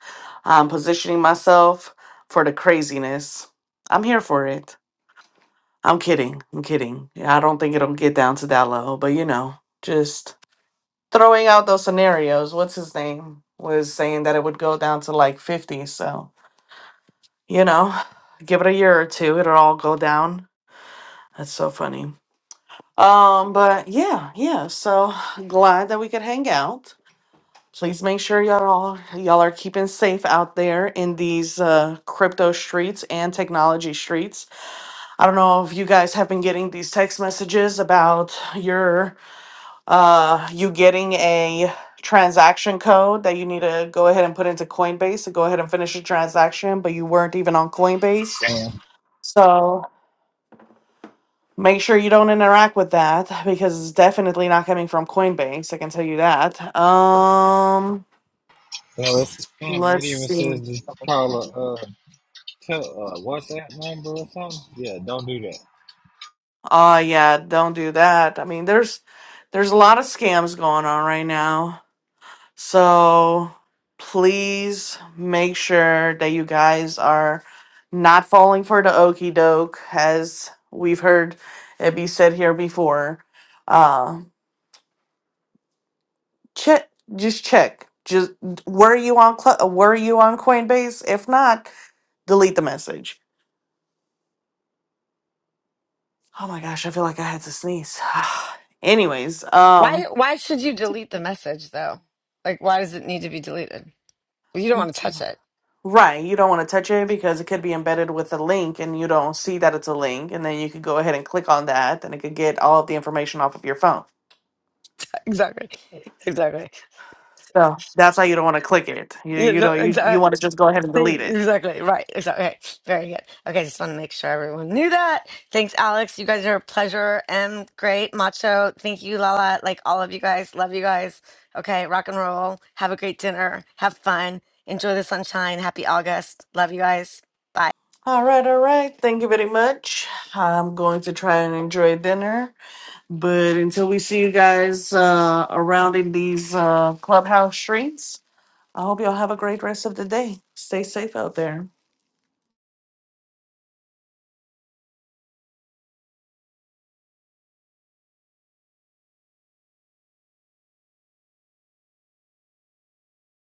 S1: I'm positioning myself for the craziness. I'm here for it. I'm kidding. I'm kidding. Yeah, I don't think it'll get down to that low, but you know, just throwing out those scenarios. What's his name? Was saying that it would go down to like 50, so. you know, give it a year or two, it'll all go down. That's so funny. Um, but yeah, yeah. So glad that we could hang out. Please make sure y'all y'all are keeping safe out there in these uh, crypto streets and technology streets. I don't know if you guys have been getting these text messages about your uh, you getting a transaction code that you need to go ahead and put into Coinbase to go ahead and finish a transaction, but you weren't even on Coinbase.
S3: Damn.
S1: So Make sure you don't interact with that because it's definitely not coming from Coinbase. I can tell you that. Um,
S3: No, it's a scam. It
S1: let's
S3: even
S1: see.
S3: says to call a uh, tell, uh, WhatsApp number or something. Yeah, don't do that.
S1: Oh yeah, don't do that. I mean, there's there's a lot of scams going on right now. So please make sure that you guys are not falling for the okie doke, as we've heard it be said here before. Uh, check just check just were you on Cl- were you on coinbase if not delete the message oh my gosh i feel like i had to sneeze anyways
S5: Why
S1: um
S5: why should you delete the message though? Like why does it need to be deleted? You don't want to touch it.
S1: right you don't want to touch it because it could be embedded with a link and you don't see that it's a link and then you could go ahead and click on that and it could get all of the information off of your phone
S5: Exactly. Exactly.
S1: so that's why you don't want to click it you you know you, you want to just go ahead and delete
S5: Thank you.
S1: it
S5: Exactly. Right. Exactly. Okay. Very good. Okay. Just want to make sure everyone knew that. Thanks, Alex. You guys are a pleasure and great. Macho. Thank you, Lala. Like all of you guys. Love you guys. Okay. Rock and roll. Have a great dinner. Have fun. Enjoy the sunshine. Happy August. Love you guys. Bye.
S1: All right, all right. Thank you very much. I'm going to try and enjoy dinner, but until we see you guys uh, around in these uh, clubhouse streets, I hope y'all have a great rest of the day. Stay safe out there.